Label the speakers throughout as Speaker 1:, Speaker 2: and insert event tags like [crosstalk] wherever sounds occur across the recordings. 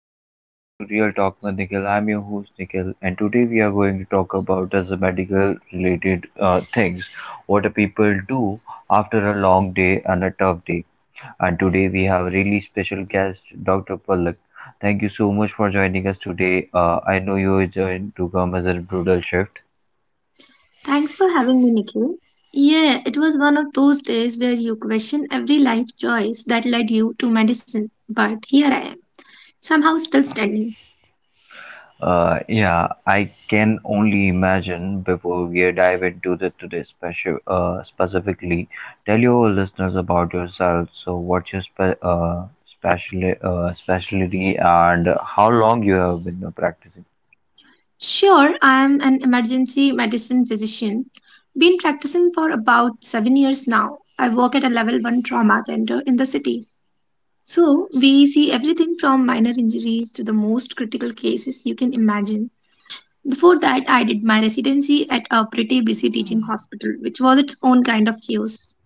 Speaker 1: welcome back to Real Talk with Nikhil. I'm your host Nikhil, and today we are going to talk about as a medical related things, what do people do after a long day and a tough day. And today we have a really special guest, Dr. Palak. Thank you so much for joining us today. I know you are joined to come as a brutal shift.
Speaker 2: Thanks for having me, Nikhil. Yeah, it was one of those days where you question every life choice that led you to medicine, but here I am, somehow still standing.
Speaker 1: Yeah, I can only imagine before we dive into the today special specifically. Tell your listeners about yourself. So, what's your specialty and how long you have been practicing?
Speaker 2: Sure, I am an emergency medicine physician, been practicing for about 7 years now. I work at a level 1 trauma center in the city. So, we see everything from minor injuries to the most critical cases you can imagine. Before that, I did my residency at a pretty busy teaching hospital, which was its own kind of chaos.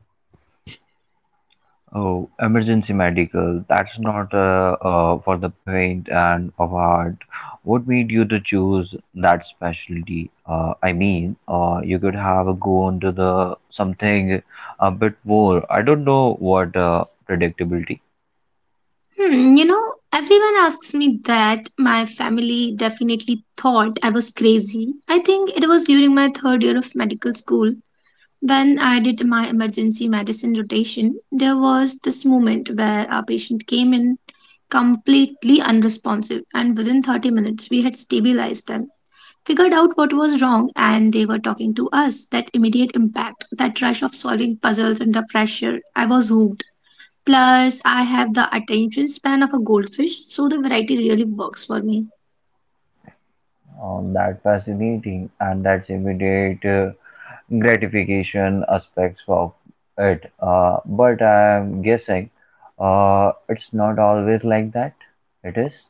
Speaker 1: Oh, emergency medical. That's not for the faint and of heart. What made you to choose that specialty? I mean, you could have gone to the something a bit more. I don't know what predictability.
Speaker 2: You know, everyone asks me that. My family definitely thought I was crazy. I think it was during my third year of medical school when I did my emergency medicine rotation. There was this moment where our patient came in completely unresponsive, and within 30 minutes, we had stabilized them, figured out what was wrong, and they were talking to us. That immediate impact, that rush of solving puzzles under pressure. I was hooked. Plus, I have the attention span of a goldfish, so the variety really works for me.
Speaker 1: That fascinating and that's immediate gratification aspects of it. But I'm guessing it's not always like that. It is.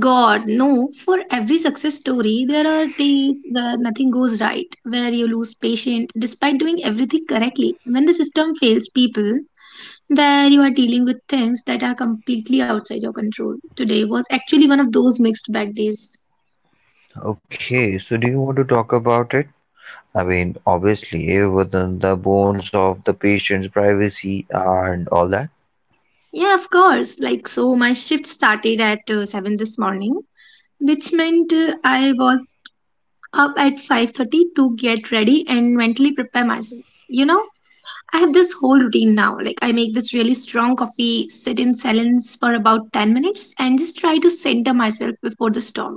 Speaker 2: God, no. For every success story, there are days where nothing goes right, where you lose patience despite doing everything correctly. When the system fails people, where you are dealing with things that are completely outside your control. Today was actually one of those mixed bag days.
Speaker 1: Okay, so do you want to talk about it? I mean, obviously, within the bones of the patient's privacy and all that.
Speaker 2: Yeah, of course. Like, so my shift started at 7 this morning, which meant I was up at 5:30 to get ready and mentally prepare myself. You know, I have this whole routine now. Like I make this really strong coffee, sit in silence for about 10 minutes and just try to center myself before the storm.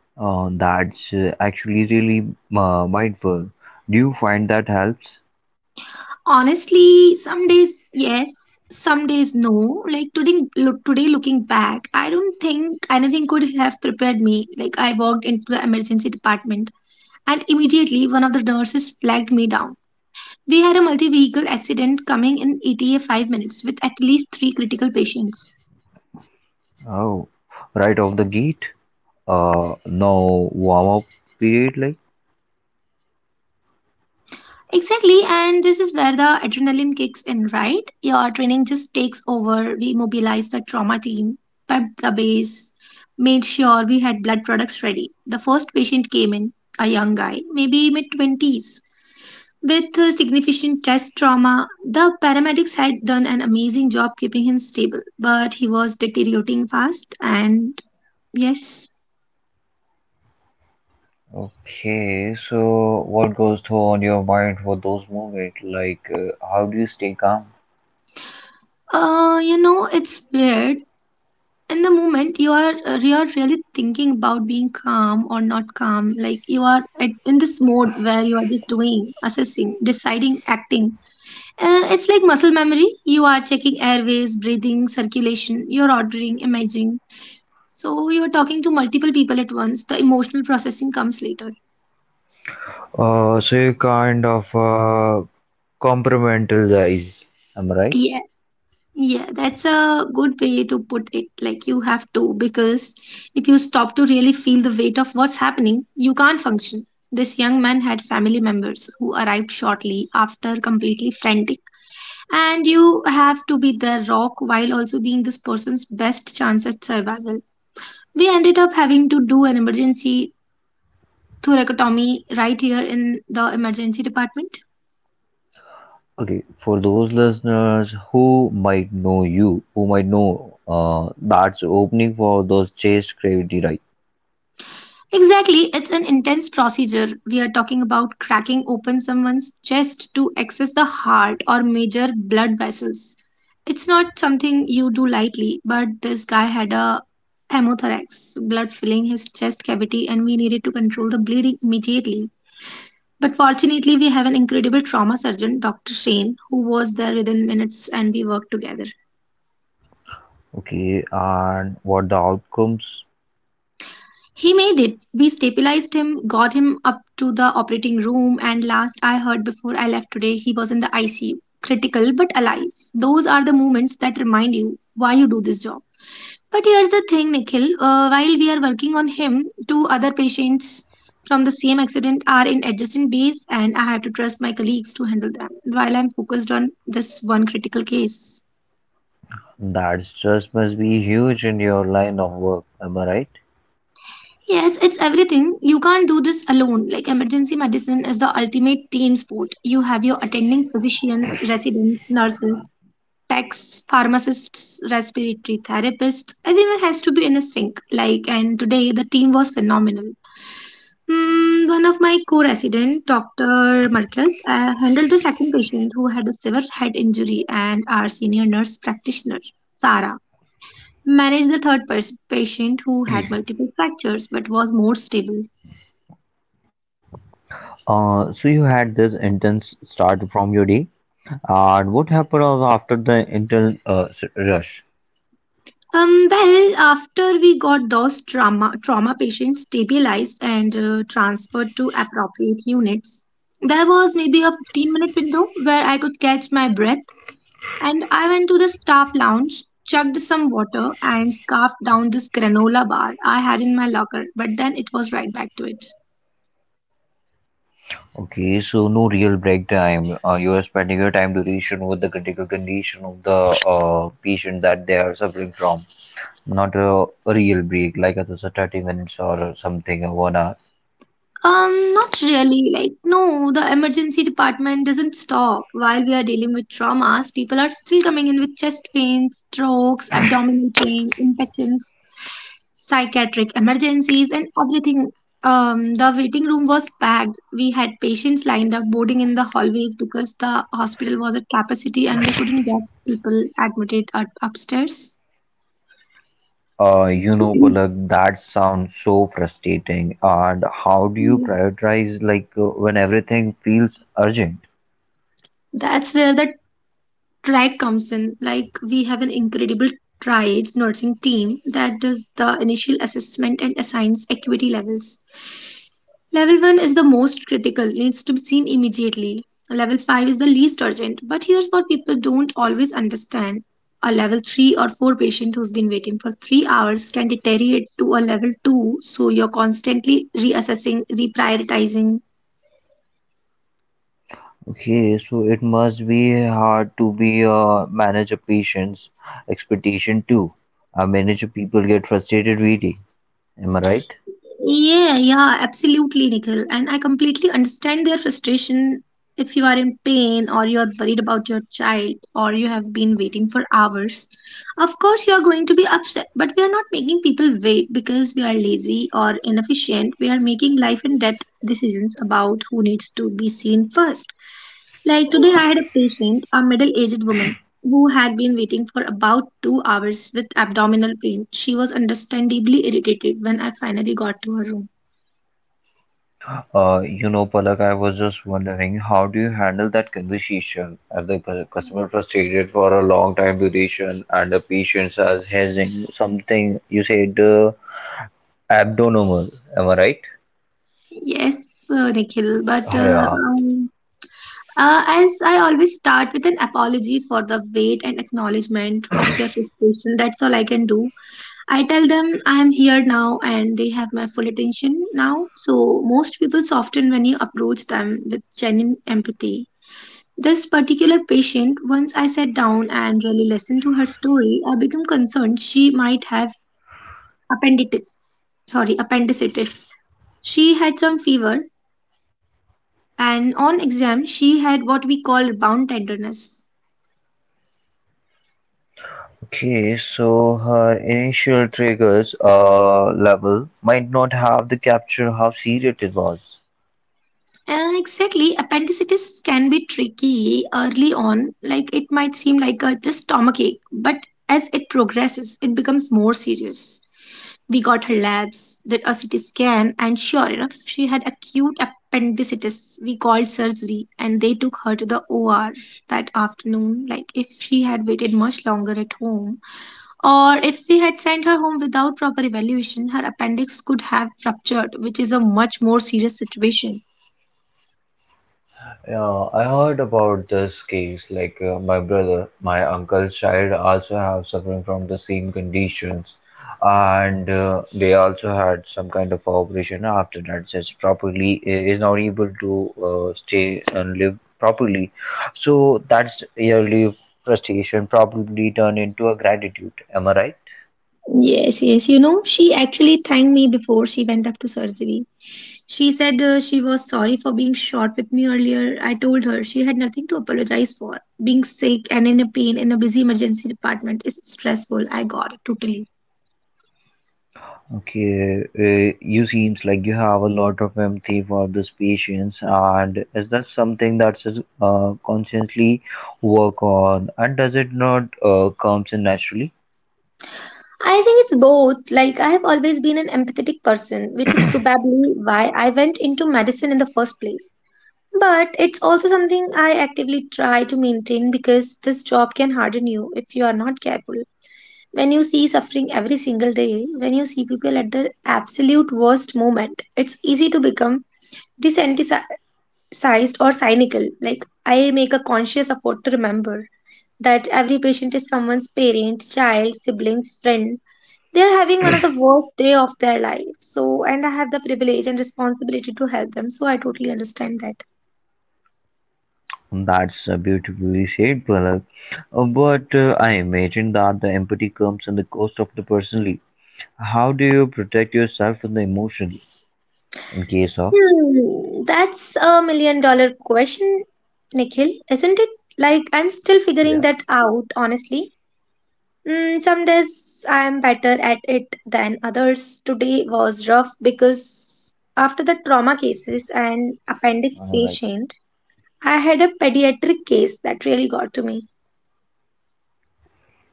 Speaker 1: That's actually really mindful. Do you find that helps?
Speaker 2: Honestly, some days yes, some days no. Like today looking back, I don't think anything could have prepared me. Like I walked into the emergency department and immediately one of the nurses flagged me down. We had a multi vehicle accident coming in ETA 5 minutes with at least 3 critical patients.
Speaker 1: Oh, right off the gate? No warm up period, like?
Speaker 2: Exactly, and this is where the adrenaline kicks in, right? Your training just takes over. We mobilized the trauma team, pepped the base, made sure we had blood products ready. The first patient came in, a young guy, maybe mid 20s, with significant chest trauma. The paramedics had done an amazing job keeping him stable, but he was deteriorating fast and yes.
Speaker 1: Okay, so what goes through on your mind for those moments? Like, how do you stay calm?
Speaker 2: You know, it's weird. In the moment, you are really thinking about being calm or not calm. Like in this mode where you are just doing, assessing, deciding, acting. It's like muscle memory. You are checking airways, breathing, circulation. You're ordering, imagining. So you're talking to multiple people at once. The emotional processing comes later.
Speaker 1: So you kind of complimental. Am I right?
Speaker 2: Yeah. Yeah, that's a good way to put it. Like, you have to, because if you stop to really feel the weight of what's happening, you can't function. This young man had family members who arrived shortly after, completely frantic. And you have to be their rock while also being this person's best chance at survival. We ended up having to do an emergency thoracotomy right here in the emergency department.
Speaker 1: Okay, for those listeners who might know you, who might know that's opening for those chase gravity, right?
Speaker 2: Exactly, it's an intense procedure. We are talking about cracking open someone's chest to access the heart or major blood vessels. It's not something you do lightly, but this guy had a hemothorax, blood filling his chest cavity, and we needed to control the bleeding immediately. But fortunately, we have an incredible trauma surgeon, Dr. Shane, who was there within minutes and we worked together.
Speaker 1: Okay, and what the outcomes?
Speaker 2: He made it. We stabilized him, got him up to the operating room, and last I heard before I left today, he was in the ICU. Critical but alive. Those are the moments that remind you why you do this job. But here's the thing, Nikhil. While we are working on him, two other patients from the same accident are in adjacent bays, and I have to trust my colleagues to handle them while I'm focused on this one critical case.
Speaker 1: That stress must be huge in your line of work. Am I right?
Speaker 2: Yes, it's everything. You can't do this alone. Like emergency medicine is the ultimate team sport. You have your attending physicians, residents, nurses, techs, pharmacists, respiratory therapists. Everyone has to be in a sync. Like and today the team was phenomenal. Hmm, one of my co-resident, Dr. Marcus, handled the second patient who had a severe head injury, and our senior nurse practitioner, Sarah, managed the patient who had multiple fractures but was more stable.
Speaker 1: So you had this intense start from your day, and what happened was after the intense rush?
Speaker 2: Well, after we got those trauma patients stabilized and transferred to appropriate units, there was maybe a 15-minute window where I could catch my breath, and I went to the staff lounge, chugged some water, and scarfed down this granola bar I had in my locker, but then it was right back to it.
Speaker 1: Okay, so no real break time. You are spending your time duration with the critical condition of the patient that they are suffering from, not a real break, like it was a 30 minutes or something, or 1 hour.
Speaker 2: Not really. Like, no, the emergency department doesn't stop. While we are dealing with traumas, people are still coming in with chest pains, strokes, abdominal pain, infections, psychiatric emergencies, and everything. The waiting room was packed. We had patients lined up boarding in the hallways because the hospital was at capacity and we couldn't get people admitted up upstairs.
Speaker 1: You know, Palak, that sounds so frustrating. And how do you
Speaker 2: [clears throat]
Speaker 1: prioritize like when everything feels urgent?
Speaker 2: That's where the Triad comes in. Like we have an incredible triads nursing team that does the initial assessment and assigns acuity levels. Level 1 is the most critical, needs to be seen immediately. Level 5 is the least urgent, but here's what people don't always understand. A level 3 or 4 patient who's been waiting for 3 hours can deteriorate to a level 2, so you're constantly reassessing, reprioritizing.
Speaker 1: Okay, so it must be hard to be manage a patient's expectation too. I manage people get frustrated reading. Am I right?
Speaker 2: Yeah, yeah, absolutely, Nikhil. And I completely understand their frustration if you are in pain or you are worried about your child or you have been waiting for hours. Of course, you are going to be upset, but we are not making people wait because we are lazy or inefficient. We are making life and death decisions about who needs to be seen first. Like today, I had a patient, a middle aged woman who had been waiting for about 2 hours with abdominal pain. She was understandably irritated when I finally got to her room.
Speaker 1: You know, Palak, I was just wondering, how do you handle that conversation as the customer frustrated for a long time duration and the patient has hissing something you said abnormal, am I right?
Speaker 2: Yes, Nikhil, but
Speaker 1: Ah, yeah.
Speaker 2: as I always start with an apology for the wait and acknowledgement of their frustration, that's all I can do. I tell them I am here now and they have my full attention now. So, most people soften when you approach them with genuine empathy. This particular patient, once I sat down and really listened to her story, I became concerned she might have appendicitis. Sorry, appendicitis. She had some fever, and on exam, she had what we call rebound tenderness.
Speaker 1: Okay, so her initial triggers level might not have the capture how serious it was.
Speaker 2: And exactly, appendicitis can be tricky early on. Like it might seem like a just stomach ache, but as it progresses, it becomes more serious. We got her labs, did a CT scan, and sure enough, she had acute appendicitis. We called surgery and they took her to the OR that afternoon. Like, if she had waited much longer at home, or if we had sent her home without proper evaluation, her appendix could have ruptured, which is a much more serious situation.
Speaker 1: Yeah, I heard about this case. Like my brother, my uncle's child also have suffering from the same conditions, and they also had some kind of operation after that. Just properly is not able to stay and live properly. So that's yearly frustration probably turn into a gratitude. Am I right?
Speaker 2: Yes, yes. You know, she actually thanked me before she went up to surgery. She said she was sorry for being short with me earlier. I told her she had nothing to apologize for. Being sick and in a pain in a busy emergency department is stressful. I got it totally.
Speaker 1: Okay, you seems like you have a lot of empathy for these patients, and is that something that's constantly work on, and does it not comes in naturally?
Speaker 2: I think it's both. Like, I have always been an empathetic person, which is probably why I went into medicine in the first place. But it's also something I actively try to maintain because this job can harden you if you are not careful. When you see suffering every single day, when you see people at their absolute worst moment, it's easy to become desensitized or cynical. Like, I make a conscious effort to remember that every patient is someone's parent, child, sibling, friend. They are having one of the worst day of their life. So, and I have the privilege and responsibility to help them. So, I totally understand that.
Speaker 1: That's beautifully said, Palak. But I imagine that the empathy comes in the cost of the personally. How do you protect yourself from the emotion in case of?
Speaker 2: Hmm, that's a million dollar question, Nikhil, isn't it? Like, I'm still figuring
Speaker 1: Yeah,
Speaker 2: that out, honestly. Mm, some days I am better at it than others. Today was rough because after the trauma cases and
Speaker 1: all right.
Speaker 2: appendix patient, I had a pediatric case that really got to me.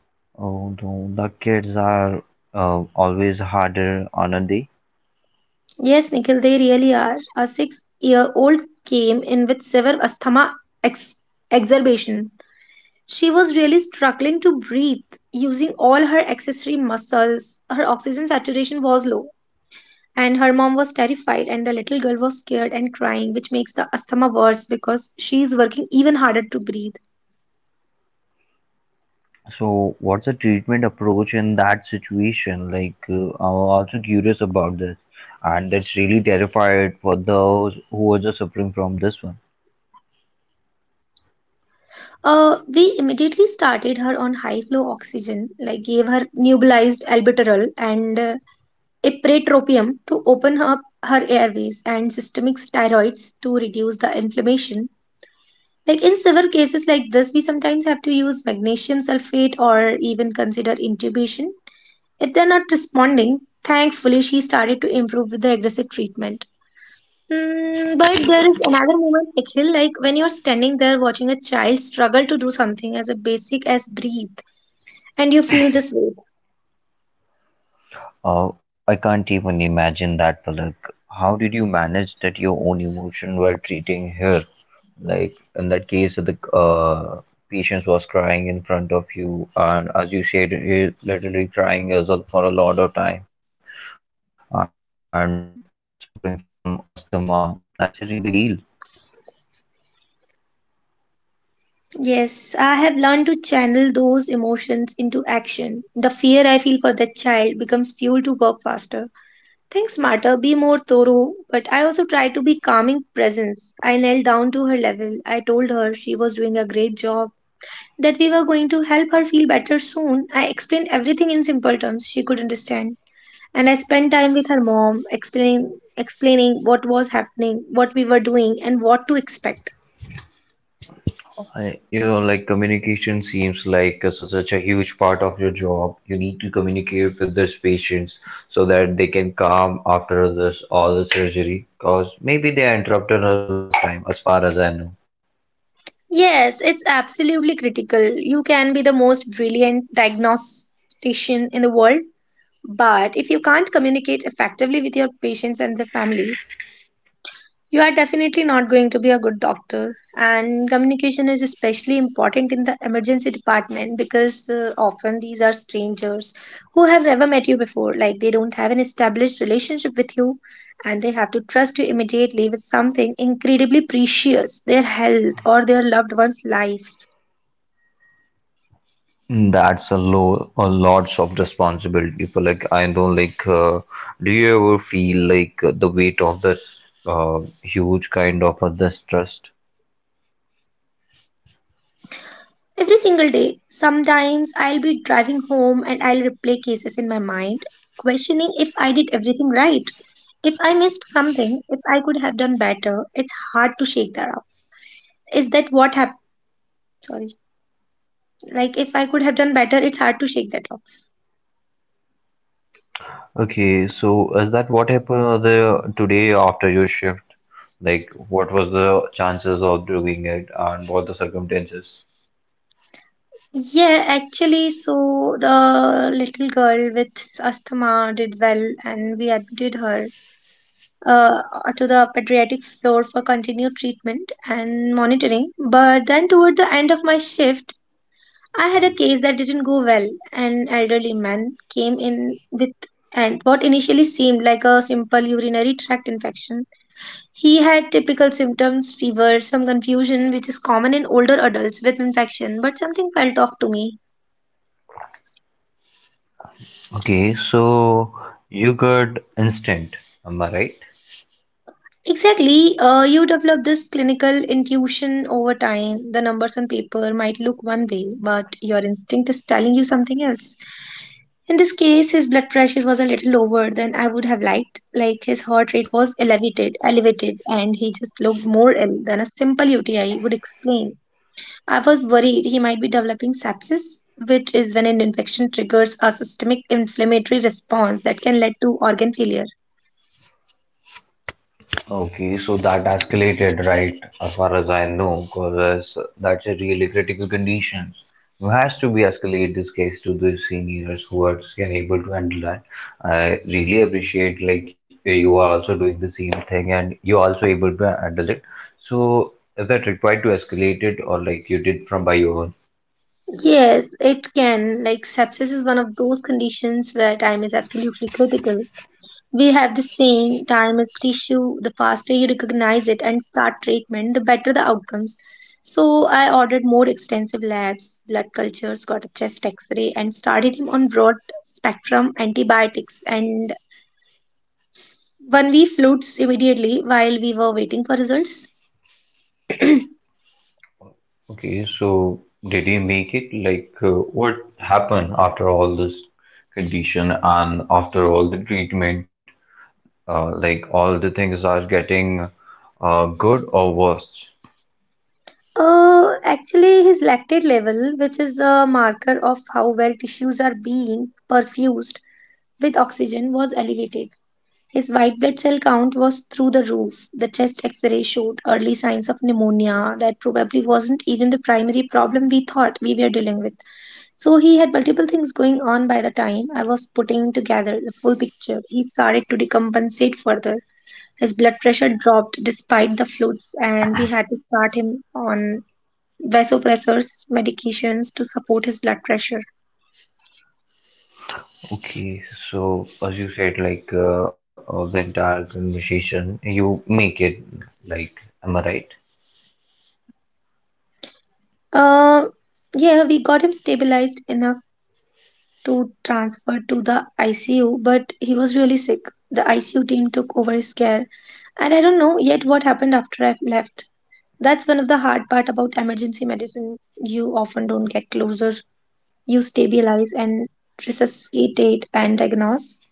Speaker 1: Oh, no, the kids are always harder on a day.
Speaker 2: Yes, Nikhil, they really are. A 6 year old came in with severe asthma ex- exacerbation. She was really struggling to breathe using all her accessory muscles. Her oxygen saturation was low. And her mom was terrified, and the little girl was scared and crying, which makes the asthma worse because she is working even harder to breathe.
Speaker 1: So, what's the treatment approach in that situation? Like, I'm also curious about this, and that's really terrified for those who are just suffering from this one.
Speaker 2: We immediately started her on high flow oxygen, like gave her nebulized albuterol and ipratropium to open up her airways, and systemic steroids to reduce the inflammation. Like in severe cases like this, we sometimes have to use magnesium sulfate or even consider intubation if they're not responding. Thankfully she started to improve with the aggressive treatment. Mm, but there is another moment, Nikhil, like when you're standing there watching a child struggle to do something as a basic as breathe, and you feel this weight.
Speaker 1: I can't even imagine that, Palak. How did you manage that your own emotion while treating her? Like in that case, the patient was crying in front of you, and as you said, he literally crying as well for a lot of time and suffering from asthma. That's a really big deal.
Speaker 2: Yes, I have learned to channel those emotions into action. The fear I feel for that child becomes fuel to work faster. Think smarter, be more thorough, but I also try to be calming presence. I knelt down to her level. I told her she was doing a great job, that we were going to help her feel better soon. I explained everything in simple terms she could understand. And I spent time with her mom explaining what was happening, what we were doing, and what to expect.
Speaker 1: I, you know, like communication seems like such a huge part of your job. You need to communicate with these patients so that they can calm after this all the surgery, because maybe they interrupted a lot of time, as far as I know.
Speaker 2: Yes, it's absolutely critical. You can be the most brilliant diagnostician in the world, but if you can't communicate effectively with your patients and their family, you are definitely not going to be a good doctor. And communication is especially important in the emergency department because often these are strangers who have never met you before. Like, they don't have an established relationship with you, and they have to trust you immediately with something incredibly precious, their health or their loved one's life.
Speaker 1: Mm, that's a low, a lots of responsibility for like I don't like. Do you ever feel like the weight of this huge kind of this trust?
Speaker 2: Every single day, sometimes I'll be driving home and I'll replay cases in my mind, questioning if I did everything right. If I missed something, if I could have done better, it's hard to shake that off. Is that what happened? Sorry. Like, if I could have done better, it's hard to shake that off.
Speaker 1: Okay, so is that what happened on the today after your shift? Like, what was the chances of doing it and what the circumstances?
Speaker 2: Yeah, actually, so the little girl with asthma did well, and we admitted her uh, to the pediatric floor for continued treatment and monitoring. But then, toward the end of my shift, I had a case that didn't go well. An elderly man came in with and what initially seemed like a simple urinary tract infection. He had typical symptoms, fever, some confusion, which is common in older adults with infection, but something felt off to me.
Speaker 1: Okay, so you got instant, am I right?
Speaker 2: Exactly. You develop this clinical intuition over time. The numbers on paper might look one way, but your instinct is telling you something else. In this case, his blood pressure was a little lower than I would have liked. Like, his heart rate was elevated, and he just looked more ill than a simple UTI would explain. I was worried he might be developing sepsis, which is when an infection triggers a systemic inflammatory response that can lead to organ failure.
Speaker 1: Okay, so that escalated, right? As far as I know, because that's a really critical condition. It has to be escalate this case to the seniors who are able to handle that. I really appreciate like you are also doing the same thing and you're also able to handle it. So is that required to escalate it or like you did from by your own?
Speaker 2: Yes, it can. Like, sepsis is one of those conditions where time is absolutely critical. We have the saying, time is tissue. The faster you recognize it and start treatment, the better the outcomes. So, I ordered more extensive labs, blood cultures, got a chest x ray, and started him on broad spectrum antibiotics and 1 week fluids immediately while we were waiting for results.
Speaker 1: Okay, so did you make it? Like what happened after all this condition and after all the treatment? Like all the things are getting good or worse.
Speaker 2: Actually, his lactate level, which is a marker of how well tissues are being perfused with oxygen, was elevated. His white blood cell count was through the roof. The chest x ray showed early signs of pneumonia that probably wasn't even the primary problem we thought we were dealing with. So, he had multiple things going on. By the time I was putting together the full picture, he started to decompensate further. His blood pressure dropped despite the fluids, and we had to start him on vasopressors, medications to support his blood pressure.
Speaker 1: Okay, so as you said, like the entire conversation, you make it, like, am I right?
Speaker 2: Uh, yeah, we got him stabilized enough to transfer to the ICU, but he was really sick. The ICU team took over his care, and I don't know yet what happened after I left. That's one of the hard part about emergency medicine. You often don't get closer. You stabilize and resuscitate and diagnose,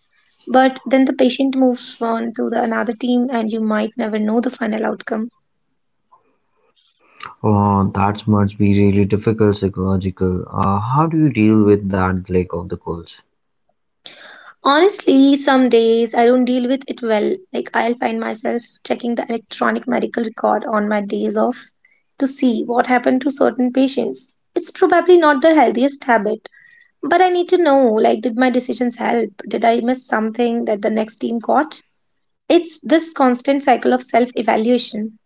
Speaker 2: but then the patient moves on to the another team, and you might never know the final outcome.
Speaker 1: Oh, that must be really difficult psychological. How do you deal with that like of the goals?
Speaker 2: Honestly, some days I don't deal with it well. Like, I'll find myself checking the electronic medical record on my days off to see what happened to certain patients. It's probably not the healthiest habit, but I need to know, like, did my decisions help? Did I miss something that the next team caught? It's this constant cycle of self evaluation.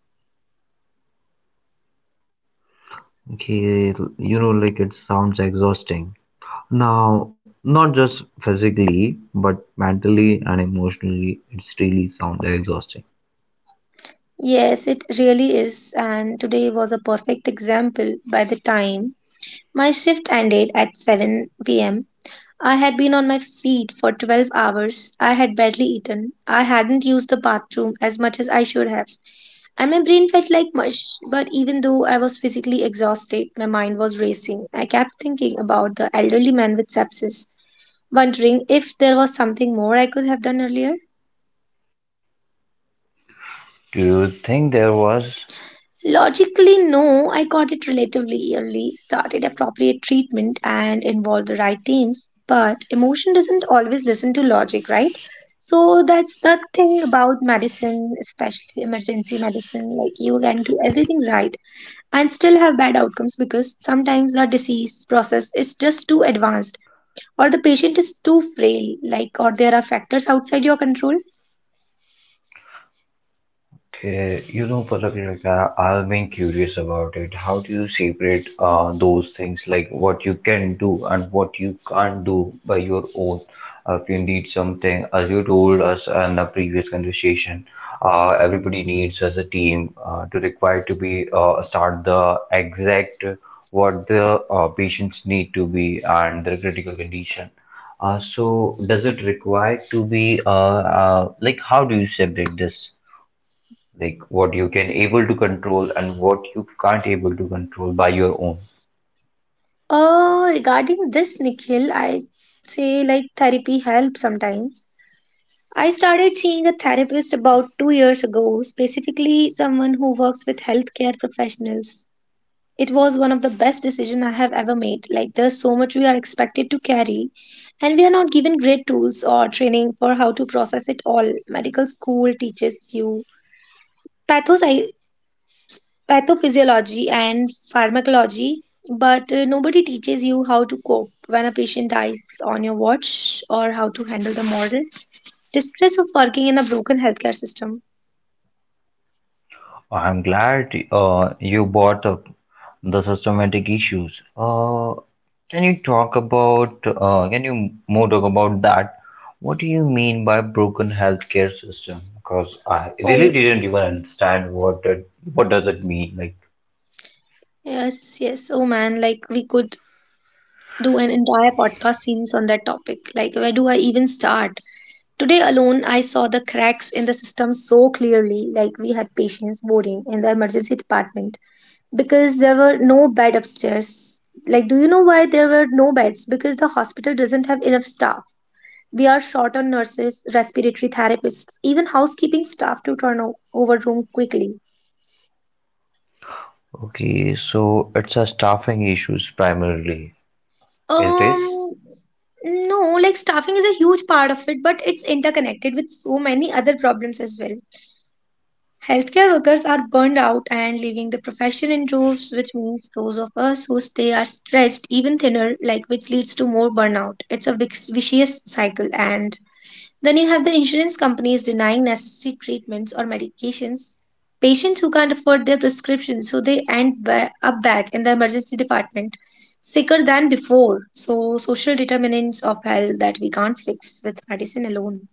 Speaker 1: Okay, you know, like it sounds exhausting. Now, not just physically, but mentally and emotionally, it's really sounds exhausting.
Speaker 2: Yes, it really is, and today was a perfect example. By the time my shift ended at 7 p.m., I had been on my feet for 12 hours. I had barely eaten. I hadn't used the bathroom as much as I should have. And my brain felt like mush. But even though I was physically exhausted, my mind was racing. I kept thinking about the elderly man with sepsis, wondering if there was something more I could have done earlier.
Speaker 1: Do you think there was?
Speaker 2: Logically, no, I got it relatively early, started appropriate treatment, and involved the right teams. But emotion doesn't always listen to logic, right? So that's the thing about medicine, especially emergency medicine. Like, you can do everything right and still have bad outcomes because sometimes the disease process is just too advanced, or the patient is too frail, like, or there are factors outside your control.
Speaker 1: Okay, you know, Palakrika, I've been curious about it. How do you separate those things, like what you can do and what you can't do by your own? If you need something, as you told us in the previous conversation, everybody needs as a team to require to be start the exact what the patients need to be and their critical condition. So does it require to be like how do you separate this? Like what you can able to control and what you can't able to control by your own?
Speaker 2: Regarding this, Nikhil, I say like therapy helps sometimes. I started seeing a therapist about 2 years ago, specifically someone who works with healthcare professionals. It was one of the best decisions I have ever made. Like, there's so much we are expected to carry, and we are not given great tools or training for how to process it all. Medical school teaches you pathos- pathophysiology and pharmacology, but nobody teaches you how to cope when a patient dies on your watch or how to handle the moral distress of working in a broken healthcare system.
Speaker 1: I'm glad you brought up the systematic issues. Can you talk about can you more talk about that, what do you mean by broken healthcare system, because I really
Speaker 2: Oh,
Speaker 1: didn't even understand what that, what does it mean, like?
Speaker 2: yes, yes. Oh man, like we could do an entire podcast series on that topic. Like, where do I even start? Today alone, I saw the cracks in the system so clearly. Like, we had patients boarding in the emergency department because there were no bed upstairs. Like, do you know why there were no beds? Because the hospital doesn't have enough staff. We are short on nurses, respiratory therapists, even housekeeping staff to turn over room quickly.
Speaker 1: Okay, so it's a staffing issues primarily, it is?
Speaker 2: Um, no, like staffing is a huge part of it, but it's interconnected with so many other problems as well. Healthcare workers are burned out and leaving the profession in droves, which means those of us who stay are stretched even thinner, like, which leads to more burnout. It's a vicious cycle, and then you have the insurance companies denying necessary treatments or medications. Patients who can't afford their prescriptions, so they end up back in the emergency department, sicker than before. So, social determinants of health that we can't fix with medicine alone.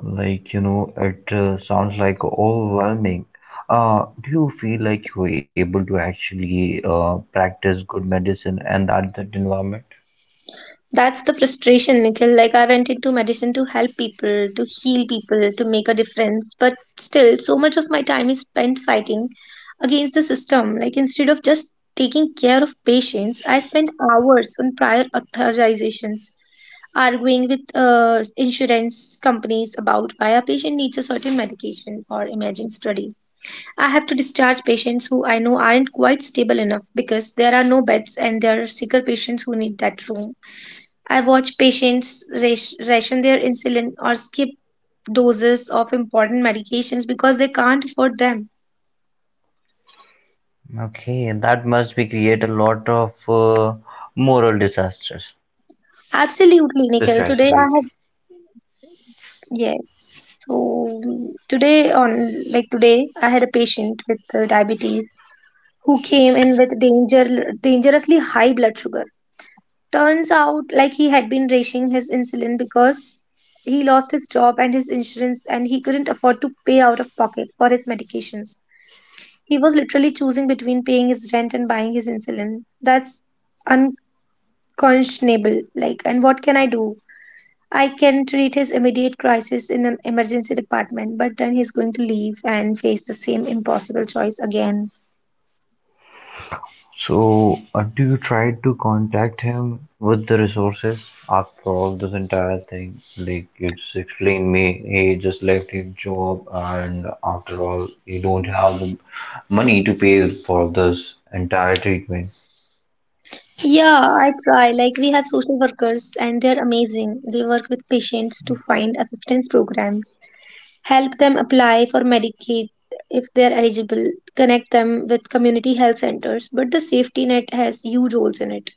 Speaker 1: Like, you know, it sounds like overwhelming. Do you feel like you were able to actually practice good medicine and that, that environment?
Speaker 2: That's the frustration, Nikhil. Like, I went into medicine to help people, to heal people, to make a difference. But still, so much of my time is spent fighting against the system. Like, instead of just taking care of patients, I spent hours on prior authorizations, arguing with insurance companies about why a patient needs a certain medication or imaging study. I have to discharge patients who I know aren't quite stable enough because there are no beds and there are sicker patients who need that room. I watch patients ration their insulin or skip doses of important medications because they can't afford them.
Speaker 1: Okay, and that must be create a lot of moral disasters.
Speaker 2: Absolutely, Nikhil. Today
Speaker 1: Distress,
Speaker 2: I
Speaker 1: right?
Speaker 2: had, yes. So today on, like today, I had a patient with diabetes who came in with dangerously high blood sugar. Turns out, like, he had been rationing his insulin because he lost his job and his insurance, and he couldn't afford to pay out of pocket for his medications. He was literally choosing between paying his rent and buying his insulin. That's unconscionable. Like, and what can I do? I can treat his immediate crisis in an emergency department, but then he's going to leave and face the same impossible choice again.
Speaker 1: So, do you try to contact him with the resources? After all, this entire thing, like you just explained me, he just left his job, and after all, he don't have the money to pay for this entire treatment.
Speaker 2: Yeah, I try. Like, we have social workers and they're amazing. They work with patients to find assistance programs, help them apply for Medicaid if they're eligible, connect them with community health centers. But the safety net has huge holes in it.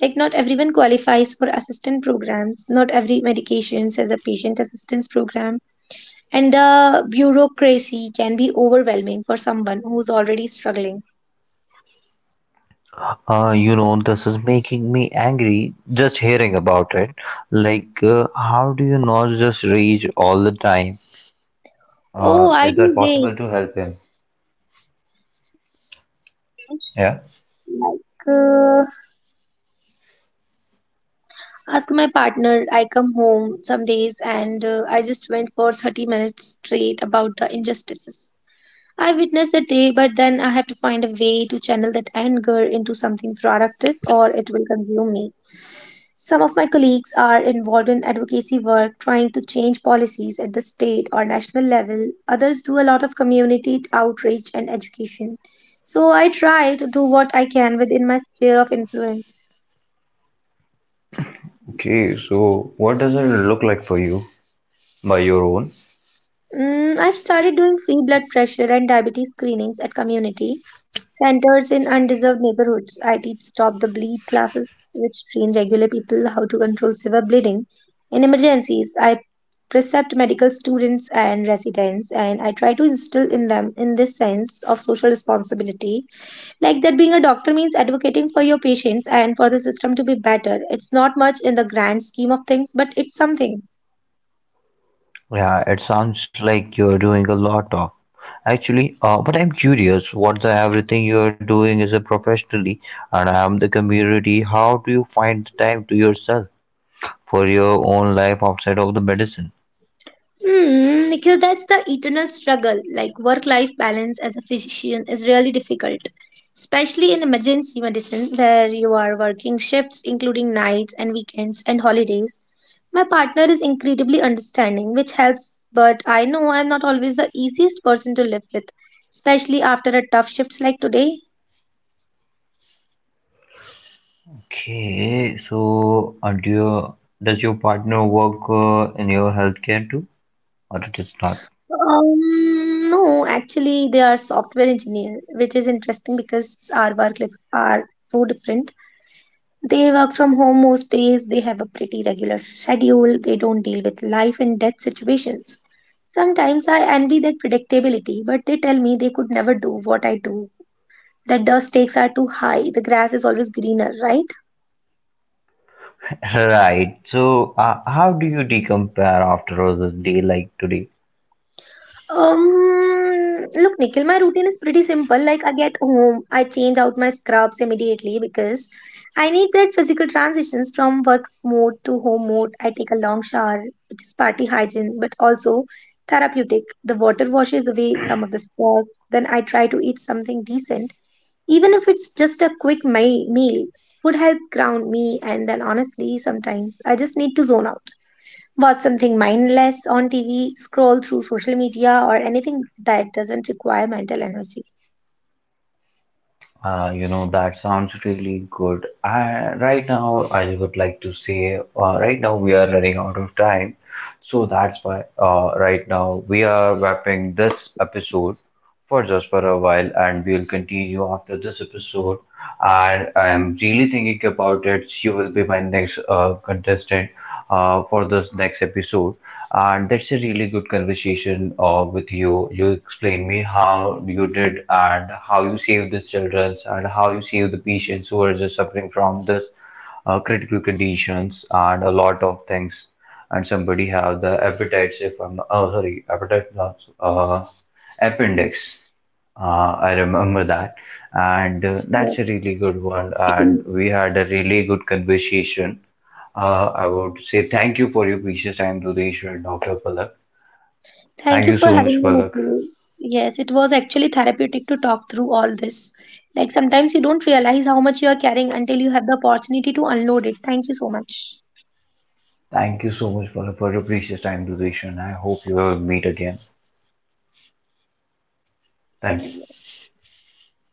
Speaker 2: Like, not everyone qualifies for assistance programs, not every medications has a patient assistance program, and the bureaucracy can be overwhelming for someone who's already struggling.
Speaker 1: You know, this is making me angry just hearing about it. Like, how do you not just rage all the time?
Speaker 2: Oh, I
Speaker 1: Is that
Speaker 2: do
Speaker 1: possible
Speaker 2: rage.
Speaker 1: to help him? Yeah.
Speaker 2: Like, ask my partner, I come home some days and I just went for 30 minutes straight about the injustices. I witness the day, but then I have to find a way to channel that anger into something productive or it will consume me. Some of my colleagues are involved in advocacy work, trying to change policies at the state or national level. Others do a lot of community outreach and education. So I try to do what I can within my sphere of influence.
Speaker 1: Okay, so what does it look like for you by your own?
Speaker 2: Mm, I've started doing free blood pressure and diabetes screenings at community centers in undeserved neighborhoods. I teach stop the bleed classes, which train regular people how to control severe bleeding. In emergencies, I precept medical students and residents, and I try to instill in them in this sense of social responsibility. Like that, being a doctor means advocating for your patients and for the system to be better. It's not much in the grand scheme of things, but it's something.
Speaker 1: Yeah, it sounds like you're doing a lot of. Actually, but I'm curious what the everything you're doing is a professionally and I'm the community. How do you find the time to yourself for your own life outside of the medicine?
Speaker 2: Hmm, Nikhil, that's the eternal struggle. Like, work life balance as a physician is really difficult, especially in emergency medicine where you are working shifts, including nights and weekends and holidays. My partner is incredibly understanding, which helps, but I know I'm not always the easiest person to live with, especially after a tough shifts like today.
Speaker 1: Okay, so and do your, does your partner work in your healthcare too, or it is not?
Speaker 2: No, actually, they are software engineer, which is interesting because our work lives are so different. They work from home most days, they have a pretty regular schedule, they don't deal with life and death situations. Sometimes I envy that predictability, but they tell me they could never do what I do. That dust stakes are too high, the grass is always greener, right?
Speaker 1: [laughs] Right. So, how do you decompare after all this day like today?
Speaker 2: Look, Nikhil, my routine is pretty simple. Like, I get home, I change out my scrubs immediately because I need that physical transitions from work mode to home mode. I take a long shower, which is party hygiene, but also therapeutic. The water washes away some of the stress. Then I try to eat something decent, even if it's just a quick meal. Food helps ground me, and then honestly, sometimes I just need to zone out watch something mindless on TV, scroll through social media, or anything that doesn't require mental energy.
Speaker 1: You know, that sounds really good. I, right now, I would like to say, right now we are running out of time. So that's why right now we are wrapping this episode for just for a while, and we'll continue after this episode. And I'm really thinking about it. She will be my next contestant for this next episode. And that's a really good conversation with you. You explained me how you did and how you saved these children and how you saved the patients who are just suffering from this critical conditions and a lot of things and somebody have the appetites, if I'm, oh sorry, appetite, not Appendix. I remember that, and that's a
Speaker 2: Yes.
Speaker 1: really good one. And we had a really good conversation. I would say thank you for your precious time, Dudesh and Dr. Palak.
Speaker 2: Thank
Speaker 1: Thank
Speaker 2: you
Speaker 1: you
Speaker 2: for
Speaker 1: so much,
Speaker 2: having me,
Speaker 1: Palak.
Speaker 2: Nikhil. Yes, it was actually therapeutic to talk through all this. Like, sometimes you don't realize how much you are carrying until you have the opportunity to unload it. Thank you so much.
Speaker 1: Thank you so much, Palak, for your precious time, Dudesh, and I hope you will meet again. Thank
Speaker 2: Yes.
Speaker 1: you.
Speaker 2: Take care.